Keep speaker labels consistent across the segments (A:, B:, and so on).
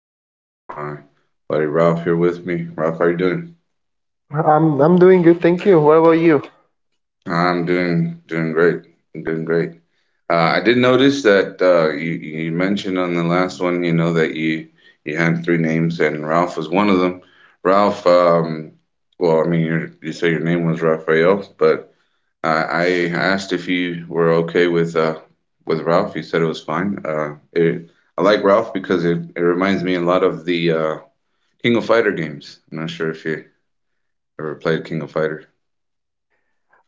A: Got my buddy Ralph here with me. Ralph, how are you doing?
B: I'm doing good, thank you. What about you?
A: I'm doing great. I'm doing great. I did notice that you mentioned on the last one, you know, that you had three names, and Ralph was one of them. Ralph, well, I mean, you say your name was Raphael, but I asked if you were okay with Ralph. He said it was fine. I like Ralph because it reminds me a lot of the King of Fighter games. I'm not sure if you ever played King of Fighter.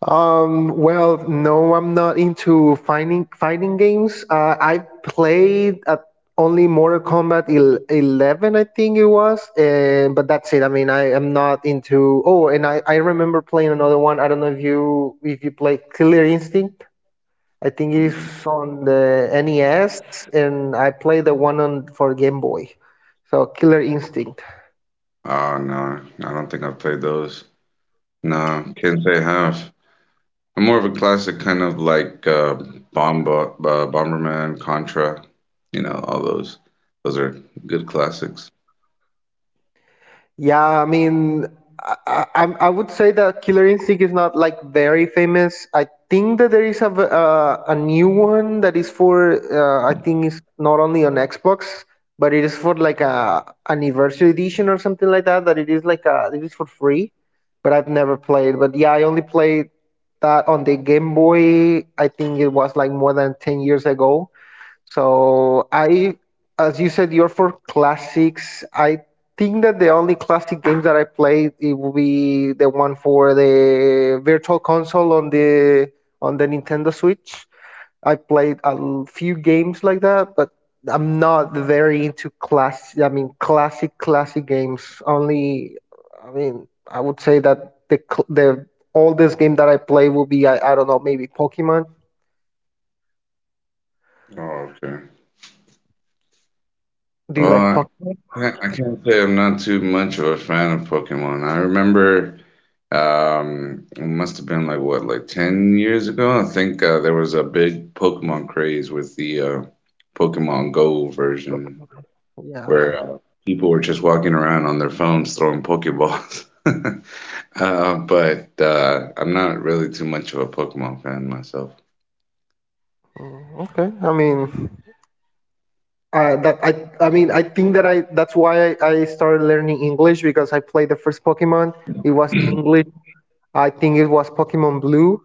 B: No, I'm not into fighting games. I played at only Mortal Kombat 11, I think it was, and but that's it. I mean, I am not into. Oh, and I remember playing another one. I don't know if you play Killer Instinct. I think
A: No.
B: it's on the NES, and I played the one on for Game Boy. So Killer Instinct.
A: Oh, no, I don't think I've played those. No, can't say I have. I'm more of a classic kind of like Bomberman, Contra, you know, all those. Those are good classics.
B: Yeah, I mean, I would say that Killer Instinct is not like very famous. I think that there is a a new one that is for I think it's not only on Xbox, but it is for like a anniversary edition or something like that. That it is like it is for free, but I've never played. But yeah, I only played that on the Game Boy. I think it was like more than 10 years ago so I, as you said, you're for classics. I think that the only classic games that I played it will be the one for the Virtual Console on the Nintendo Switch. I played a few games like that, but I'm not very into class. I mean, classic games. Only, I mean, I would say that the oldest game that I play will be I don't know maybe Pokemon.
A: Oh, okay.
B: Do you like
A: Well,
B: Pokemon?
A: I can't say I'm not too much of a fan of Pokemon. I remember it must have been like what, like 10 years ago? I think there was a big Pokemon craze with the Pokemon Go version where
B: Yeah.
A: people were just walking around on their phones throwing Pokeballs. But I'm not really too much of a Pokemon fan myself.
B: Okay. I mean, I that I mean I think that I that's why I started learning English because I played the first Pokemon. It was in English. I think it was Pokemon Blue.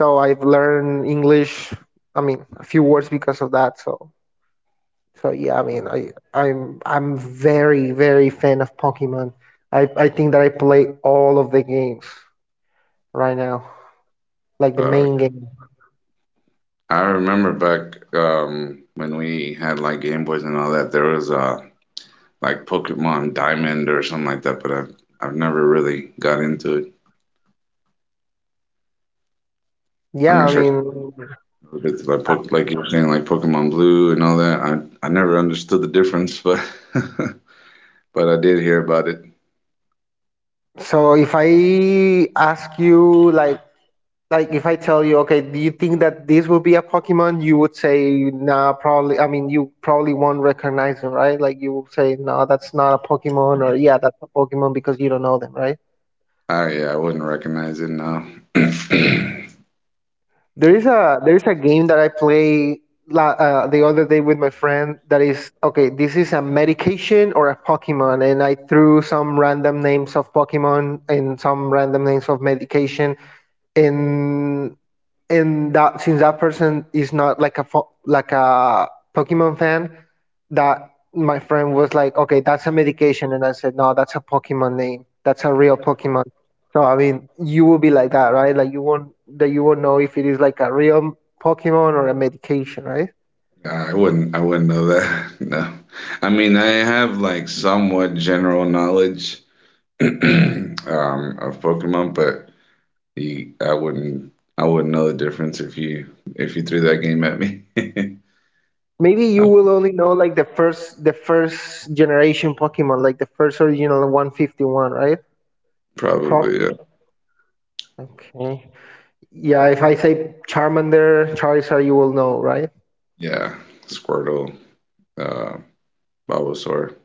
B: So I've learned English. I mean, a few words because of that. So so yeah. I mean, I'm very very fan of Pokemon. I think that I play all of the games right now, like the
A: Uh,
B: main game.
A: I remember back when we had like Game Boys and all that, there was like Pokemon Diamond or something like that, but I've never really got into it. I'm
B: Yeah.
A: not
B: I
A: sure if
B: mean,
A: like
B: uh,
A: Poke, like you were saying, like Pokemon Blue and all that. I never understood the difference, but but I did hear about it.
B: so if I ask you like if I tell you, okay, do you think that this will be a Pokemon? You would say, nah, probably. I mean, you probably won't recognize them, right? Like you will say, no, that's not a Pokemon, or yeah, that's a Pokemon because you don't know them, right?
A: I yeah, I wouldn't recognize it now.
B: There is a game that I play the other day with my friend that is okay. This is a medication or a Pokemon, and I threw some random names of Pokemon and some random names of medication, and and that since that person is not like like a Pokemon fan, that my friend was like, okay, that's a medication, and I said, no, that's a Pokemon name. That's a real Pokemon. So I mean, you will be like that, right? Like you won't know if it is like a real Pokemon or a medication, right?
A: I wouldn't know that. No. I mean, I have like somewhat general knowledge um of Pokemon, but you, I wouldn't know the difference if you threw that game at me.
B: Maybe you
A: I
B: will only know like the first generation Pokemon, like the first original 151, right?
A: Probably, yeah.
B: Probably. Okay. Yeah, if I say Charmander, Charizard, you will know, right?
A: Yeah. Squirtle, uh, Bulbasaur.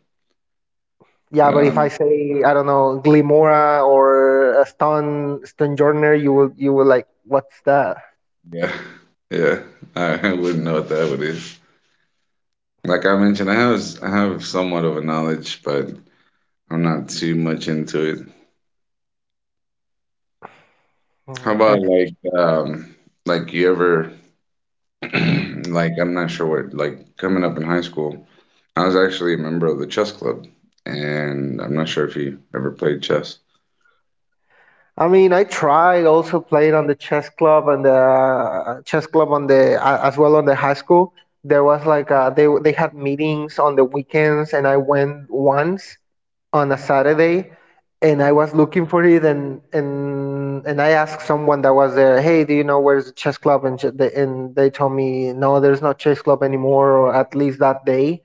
B: Yeah, but if I
A: Um,
B: say I don't know Glimora or a Stonejourner, you will like what's that?
A: yeah, yeah. I wouldn't know what that would is. Like I mentioned, I have s- I have somewhat of a knowledge, but I'm not too much into it. How about
B: Okay.
A: like you ever like I'm not sure what like coming up in high school, I was actually a member of the chess club, and I'm not sure if you ever played chess.
B: I mean, I tried also played on the chess club and the chess club on the as well on the high school. There was like they had meetings on the weekends, and I went once on a Saturday, and I was looking for it, and I asked someone that was there, "Hey, do you know where's the chess club?" And and they told me, "No, there's no chess club anymore, or at least that day."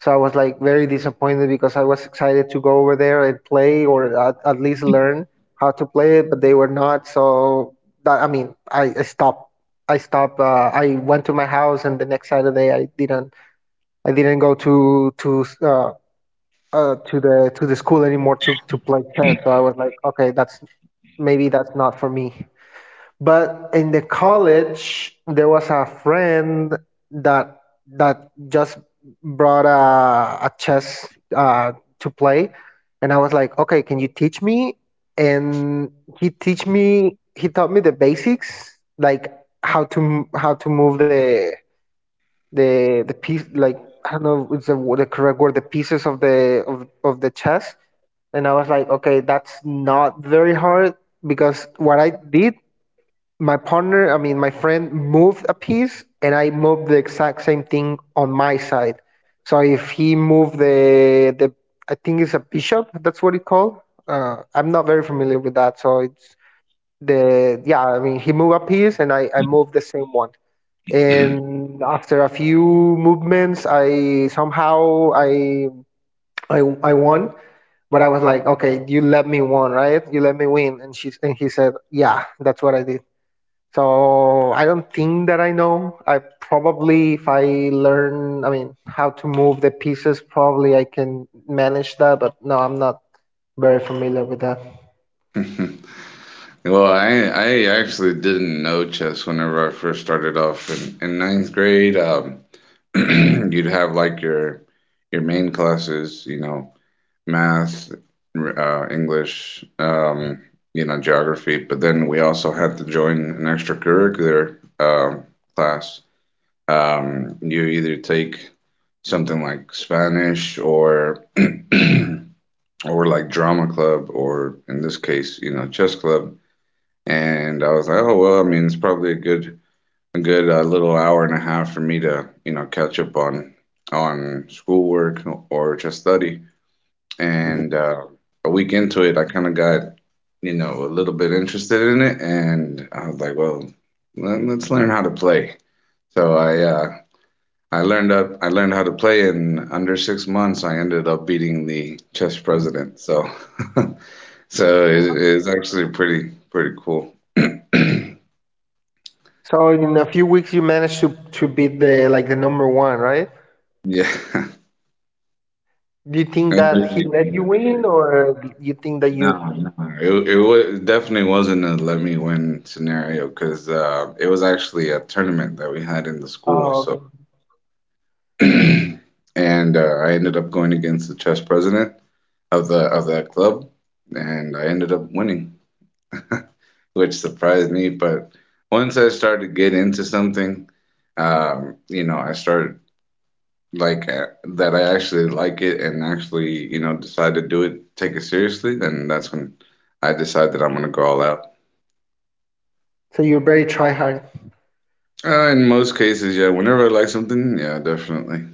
B: So I was like very disappointed because I was excited to go over there and play, or at least learn how to play it, but they were not. So that I mean, I stopped. I stopped. I went to my house, and the next Saturday I didn't. I didn't go to the school anymore to play chess. So I was like, okay, that's maybe that's not for me. But in the college, there was a friend that that just brought a chess uh, to play, and I was like, okay, can you teach me? And he taught me the basics, like how to how to move the piece like I don't know if it's the correct word the pieces of the of the chess and I was like okay that's not very hard because what I did my partner I mean my friend moved a piece and I moved the exact same thing on my side so if he moved the I think it's a bishop that's what it called. I'm not very familiar with that so it's the yeah I mean he moved a piece and I moved the same one and after a few movements I somehow i, I won but I was like okay you let me win right you let me win and she and he said yeah that's what I did so I don't think that I know I probably if I learn I mean how to move the pieces probably I can manage that but no I'm not very familiar with that.
A: Well, I actually didn't know chess whenever I first started off in ninth grade. You'd have like your main classes, you know, math, English, you know, geography. But then we also had to join an extracurricular class. You either take something like Spanish or or like drama club or in this case, you know, chess club, and I was like, oh well, I mean, it's probably a good little hour and a half for me to you know catch up on schoolwork or just study. And a week into it, I kind of got you know a little bit interested in it, and I was like, well, let's learn how to play. So I learned how to play in under 6 months. I ended up beating the chess president. So so it's actually pretty pretty cool.
B: So in a few weeks you managed to beat the like the number one right.
A: Yeah.
B: Do you think that he
A: No,
B: let you win, or do you think that you?
A: no, it was definitely wasn't a let me win scenario because it was actually a tournament that we had in the school.
B: Oh,
A: So,
B: okay.
A: and uh, I ended up going against the chess president of the of that club, and I ended up winning, which surprised me. But once I started to get into something, you know, I started like that I actually like it and actually, you know, decide to do it, take it seriously, then that's when I decide that I'm gonna go all out.
B: So you're very try hard.
A: In most cases, yeah, whenever I like something, yeah, definitely.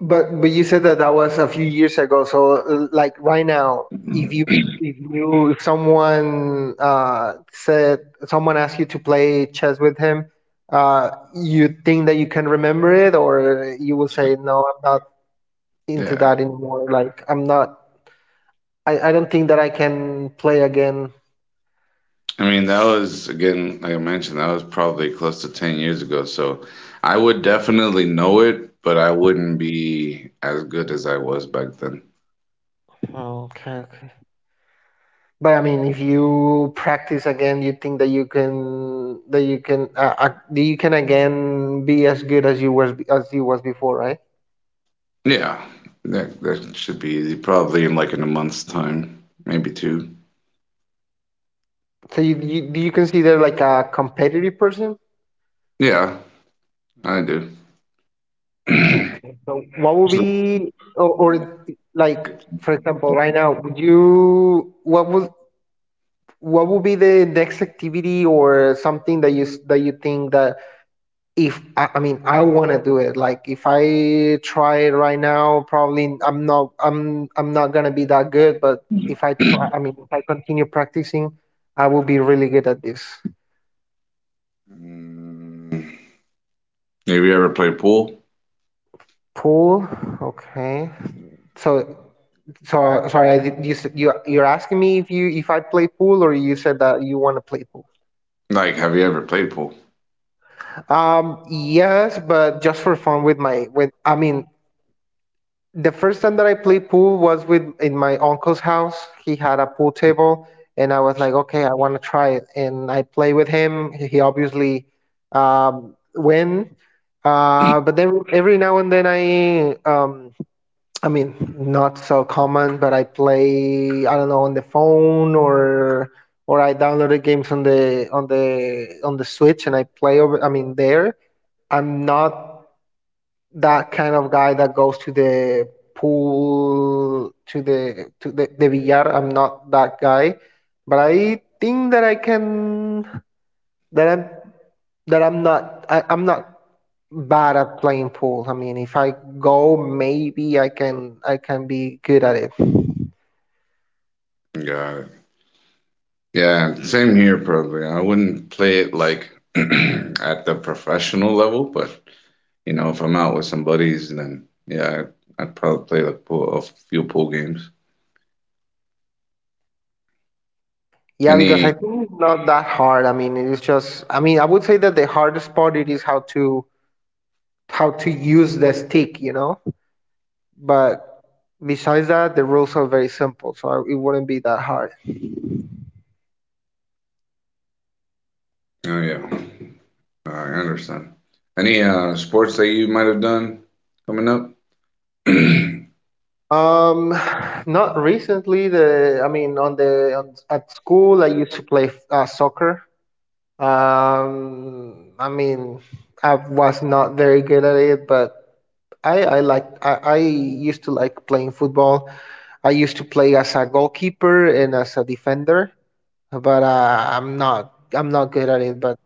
B: But you said that that was a few years ago. So like right now, if someone said someone asked you to play chess with him, you think that you can remember it, or you will say no, I'm not into
A: Yeah.
B: that anymore. Like I'm not. I don't think that I can play again.
A: I mean, that was, again, like I mentioned, that was probably close to 10 years ago, so I would definitely know it, but I wouldn't be as good as I was back then.
B: Okay. But I mean, if you practice again, you think that you can that you can again be as good as you was before, right?
A: Yeah, that that should be easy. Probably in like in a month's time, maybe two.
B: So you do you consider like a competitive person?
A: Yeah, I do.
B: Okay. So what would
A: Actually,
B: be or like for example, right now, would you what would be the next activity or something that that you think that if I, I mean I want to do it like if I try it right now probably I'm not gonna be that good but if I try I mean if I continue practicing I will be really good at this.
A: Mm, have you ever played pool?
B: Pool. Okay. So sorry I, did- you s- you you're asking me if I play pool or you said that you want to play pool.
A: Like, have you ever played pool?
B: Um, yes, but just for fun with my with I mean the first time that I played pool was with in my uncle's house. He had a pool table, and I was like, okay, I want to try it. And I played with him. He obviously win. But then every now and then I mean, not so common, but I play, I don't know, on the phone or I downloaded games on the Switch and I play over, I mean, there. I'm not that kind of guy that goes to the pool to the billar. I'm not that guy but I think that I can that I'm that I'm not I'm not bad at playing pool. I mean if I go maybe I can be good at it.
A: Got it. Yeah, same here probably. I wouldn't play it like at the professional level, but you know, if I'm out with some buddies, then yeah, I'd probably play like pool, a few pool games.
B: Yeah because
A: Any,
B: I think it's not that hard I mean it is just I mean I would say that the hardest part it is how to use the stick you know. But besides that, the rules are very simple, so it wouldn't be that hard.
A: oh yeah, I understand. Any sports that you might have done coming up?
B: Um, not recently. The I mean, on at school, I used to play soccer. I mean, I was not very good at it, but I used to like playing football. I used to play as a goalkeeper and as a defender, but I'm not good at it.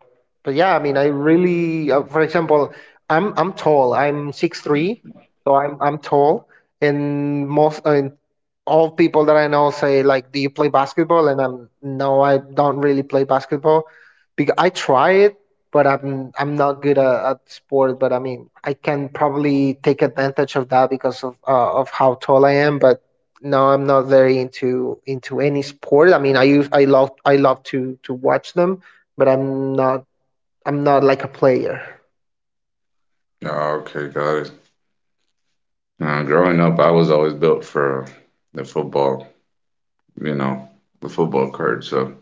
B: But yeah, I mean, I really, for example, I'm tall. I'm 6'3", so I'm tall. And most I mean, all people that I know say like, "Do you play basketball?" And I'm no, I don't really play basketball because I try it, but I'm not good at sport. But I mean, I can probably take advantage of that because of how tall I am, but. No, I'm not very into any sport. I mean, I love to watch them, but I'm not like a player.
A: Oh, okay, got it. Growing up, I was always built for the football. You know, the football card. So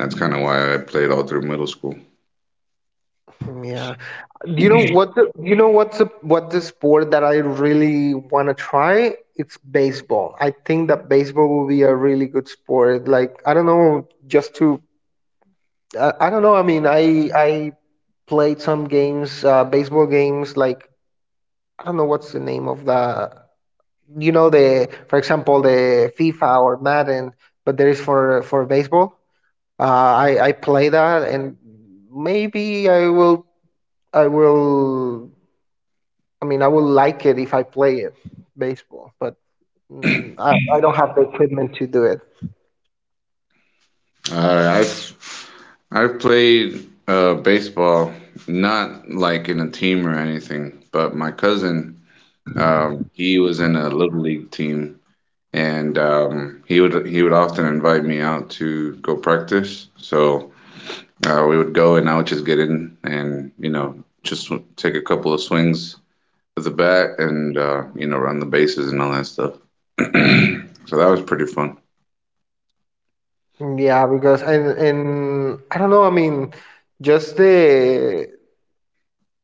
A: that's kind of why I played all through middle school.
B: Yeah. you know what the you know what's the what the sport that I really want to try? It's baseball. I think that baseball will be a really good sport. Like, I don't know, just to I don't know. I mean, I played some games, baseball games. Like, I don't know what's the name of the the for example the FIFA or Madden, but there is for baseball. I play that, and maybe I will I will I will like it if I play it baseball, but I don't have the equipment to do it.
A: Uh, I've I've played baseball, not like in a team or anything, but my cousin, he was in a little league team, and he would often invite me out to go practice. So we would go, and I would just get in, and you know, just take a couple of swings with the bat, and you know, run the bases and all that stuff. So that was pretty fun.
B: Yeah, because and I don't know. I mean, just the,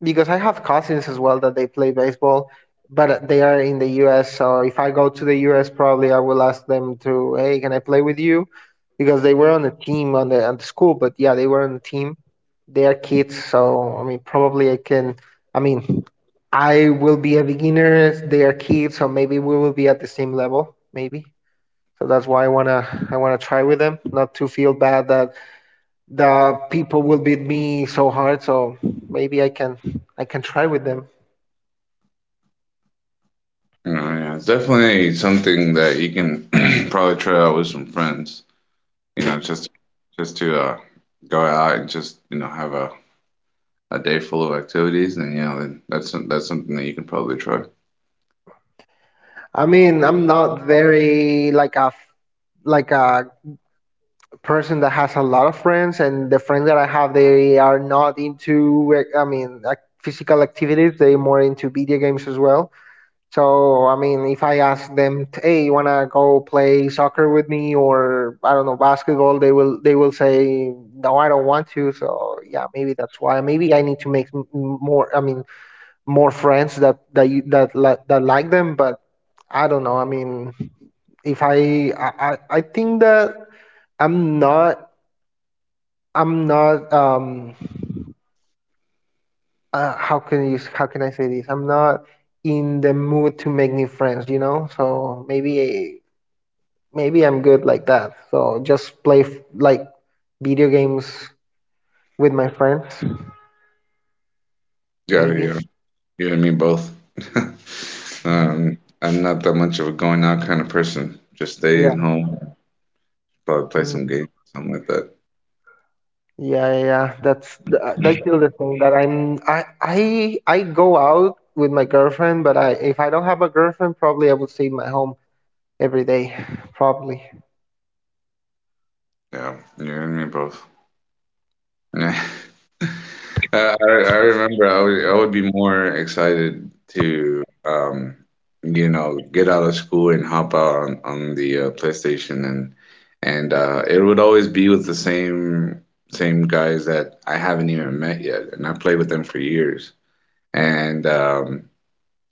B: because I have cousins as well that they play baseball, but they are in the US. So if I go to the US, probably I will ask them to, hey, can I play with you? Because they were on the team, on the school, but yeah, they were on the team. They are kids, so I mean, probably I can. I mean, I will be a beginner. They are kids, so maybe we will be at the same level, maybe. So that's why I wanna try with them, not to feel bad that the people will beat me so hard, so maybe I can I can try with them.
A: You know, yeah, it's definitely something that you can probably try out with some friends. You know, just to go out and just you know have a day full of activities, and yeah, then that's that's something that you can probably try.
B: I mean, I'm not very like a like a person that has a lot of friends, and the friends that I have, they are not into, like, I mean, like physical activities. They're more into video games as well. So I mean, if I ask them, hey, you want to go play soccer with me or I don't know, basketball, they will say no, I don't want to. So yeah, maybe that's why maybe I need to make m- more more friends that that you, that li- that like them, but I don't know, I mean, if I think that I'm not i'm not um how can you, how can I say this, I'm not in the mood to make new friends, you know? So maybe I'm good like that, so just like video games with my friends
A: Yeah,
B: maybe.
A: yeah, you and me both.
B: Mhm.
A: I'm not that much of a going out kind of person. Just stay in
B: Yeah.
A: home, probably play some
B: Mm.
A: games, something like that.
B: Yeah, yeah, yeah. I feel the same that I'm I go out with my girlfriend, but I if I don't have a girlfriend, probably I would stay in my home every day, probably.
A: Yeah, you and me both. I remember I would be more excited to you know get out of school and hop out on the PlayStation and it would always be with the same same guys that I haven't even met yet, and I played with them for years and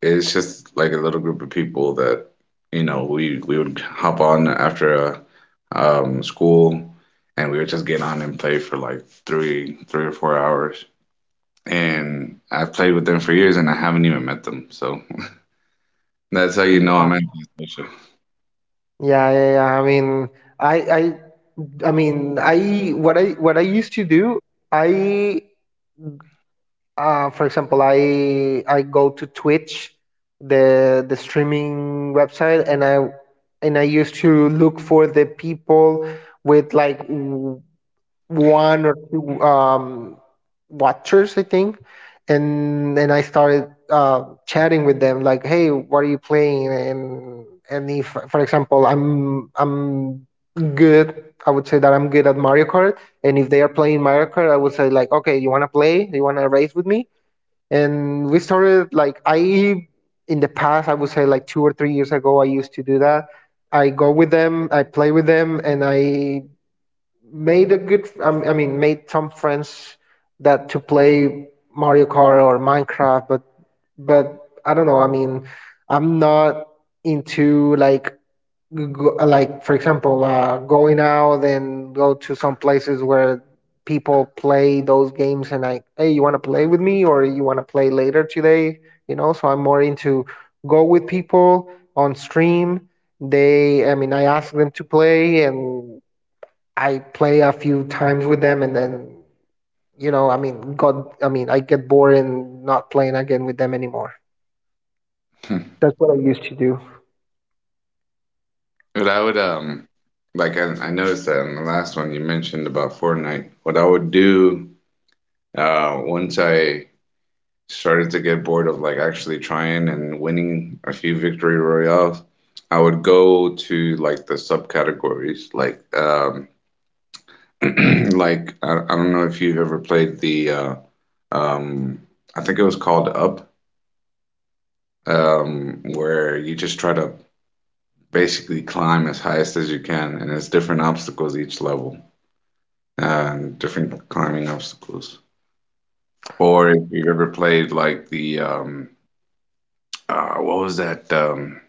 A: it's just like a little group of people that you know we would hop on after school and we would just get on and play for like three 3 or 4 hours, and I've played with them for years, and I haven't even met them. So that's how you know
B: Yeah.
A: I'm antisocial.
B: Yeah, yeah, yeah. I mean, I I I mean, I what I what I used to do, I for example, I go to Twitch, the streaming website, and I used to look for the people with like one or two watchers, I think. And I started chatting with them like, "Hey, what are you playing?" And if, for example, I'm good, I would say that I'm good at Mario Kart, and if they are playing Mario Kart, I would say like, "Okay, you want to play? You want to race with me?" And we started like I in the past, I would say like 2 or 3 years ago, I used to do that. I go with them, I play with them, and I made a good, I mean, made some friends that to play Mario Kart or Minecraft, but but I don't know, I mean, I'm not into like go, like for example, going out and go to some places where people play those games and like, hey, you want to play with me or you want to play later today, you know? So I'm more into go with people on stream. They, I mean, I ask them to play, and I play a few times with them, and then I mean, God, I mean, I get bored and not playing again with them anymore. That's what I used to do.
A: But I would like I noticed that in the last one you mentioned about Fortnite. What I would do once I started to get bored of like actually trying and winning a few victory royales, I would go to like the subcategories, like like I don't know if you've ever played the um, I think it was called Up, where you just try to basically climb as highest as you can, and it's different obstacles each level, uh, and different climbing obstacles. Or if you've ever played like the what was that?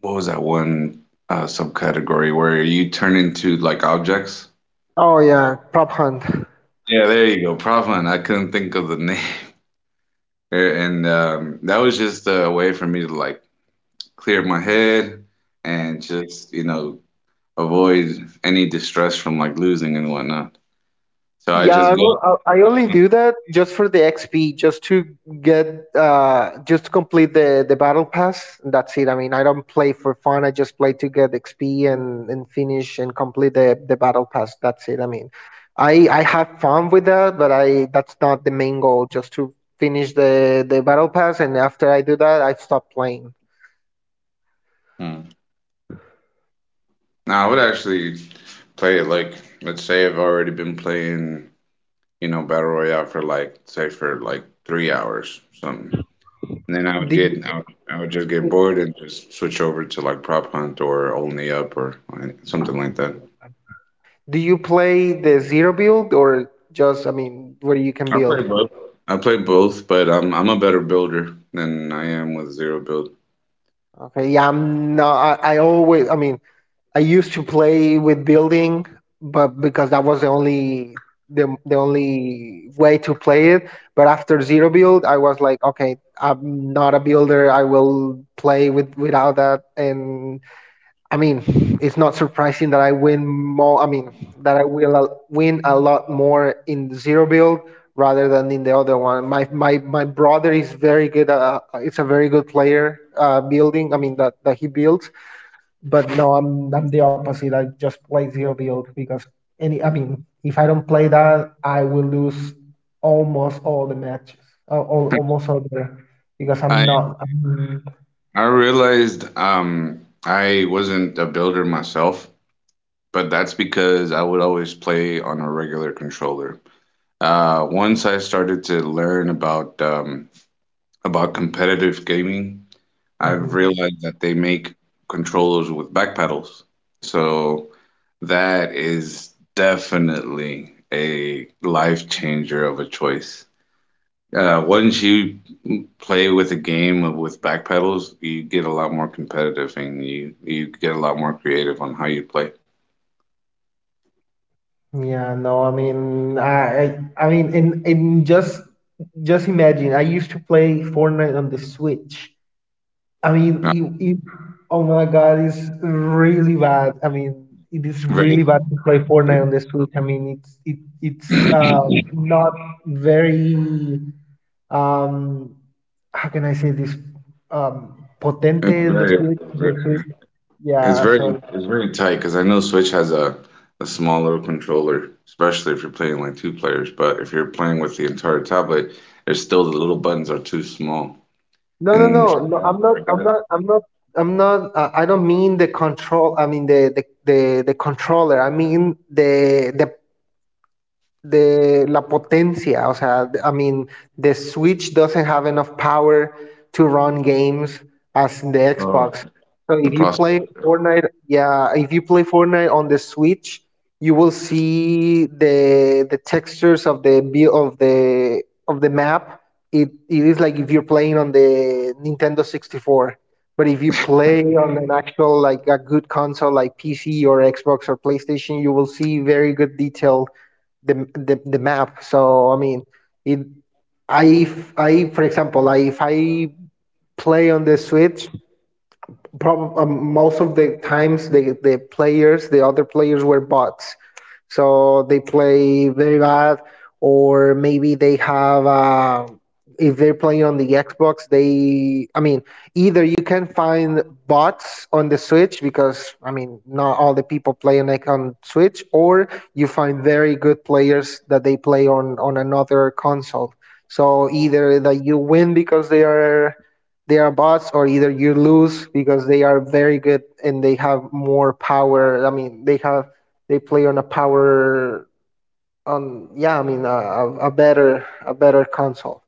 A: What was that one subcategory where you turn into like objects?
B: Oh yeah, prop hunt.
A: Yeah, there you go. Prop hunt. I couldn't think of the name, and that was just a way for me to like clear my head and just you know avoid any distress from like losing and whatnot. So I
B: Yeah,
A: just
B: I,
A: go.
B: will- I only do that just for the XP, just to get, just to complete the battle pass. And That's it. I mean, I don't play for fun. I just play to get XP and finish and complete the battle pass. That's it. I mean, I have fun with that, but I that's not the main goal. Just to finish the battle pass, and after I do that, I stop playing.
A: Now, I would actually play it like, let's say I've already been playing, you know, Battle Royale for like, say for like 3 hours, something. And then I would
B: Do
A: get,
B: you
A: I would just get bored and just switch over to like Prop Hunt or Only Up or like, something like that.
B: do you play the zero build or just, I mean, where you can
A: I
B: build?
A: play both. I play both, but I'm a better builder than I am with zero build.
B: Okay, yeah, I'm not, I always, I mean, I used to play with building, but because that was the only the only way to play it. But after zero build, I was like, okay, I'm not a builder. I will play with without that. And I mean, it's not surprising that I win more. I mean, that win a lot more in zero build rather than in the other one. My brother is very good. It's a very good player, building. I mean, that he builds, but no, I'm the opposite. I just play zero build because any I mean, if I don't play that, I will lose almost all the matches, almost all the, because
A: I
B: I'm not, I'm,
A: I realized I wasn't a builder myself, but that's because I would always play on a regular controller. Once I started to learn about competitive gaming, I've
B: hmm.
A: realized that they make controllers with back pedals. So that is definitely a life changer of a choice. Once you play with a with back pedals, you get a lot more competitive and you get a lot more creative on how you play.
B: Yeah, no, I mean, I mean, in just imagine, I used to play Fortnite on the Switch. I mean,
A: Uh,
B: it, it, oh my God, it's really bad. I mean, it is
A: very,
B: really bad to play Fortnite on the Switch. I mean, it it's, not very, um how can I say this, potente
A: it's
B: in the
A: very.
B: Switch. The Switch,
A: It's
B: yeah.
A: very
B: So
A: tight because I know Switch has a small little controller, especially if you're playing like two players. But if you're playing with the entire tablet, there's still the little buttons are too small.
B: no, no,
A: And
B: no, no.
A: for a guy,
B: I'm not. I don't mean the control. I mean the controller. I mean the la potencia, o sea, I mean, the Switch doesn't have enough power to run games as the Xbox. So
A: the
B: if you
A: process.
B: play Fortnite, yeah, if you play Fortnite on the Switch, you will see the textures of the view of the map. It is like if you're playing on the Nintendo 64. But if you play on an actual, like, a good console like PC or Xbox or PlayStation, you will see very good detail, the map. So I mean, it I if, I for example, if I play on the Switch, Prob most of the times the players, the other players were bots, so they play very bad, or maybe they have. If they're playing on the Xbox, they, I mean, either you can find bots on the Switch because, I mean, not all the people play on, like, on Switch, or you find very good players that they play on another console. So either that you win because they are bots, or either you lose because they are very good and they have more power. I mean, they have, they play on a power on yeah, I mean, a better, console,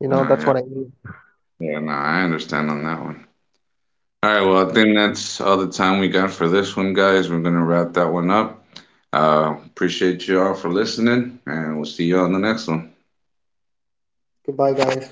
B: you
A: No,
B: know? That's
A: yeah,
B: what I mean.
A: yeah, no, I understand on that one. All right, well, I think that's all the time we got for this one, guys. We're gonna wrap that one up. Appreciate you all for listening, and we'll see you on the next one.
B: Goodbye, guys.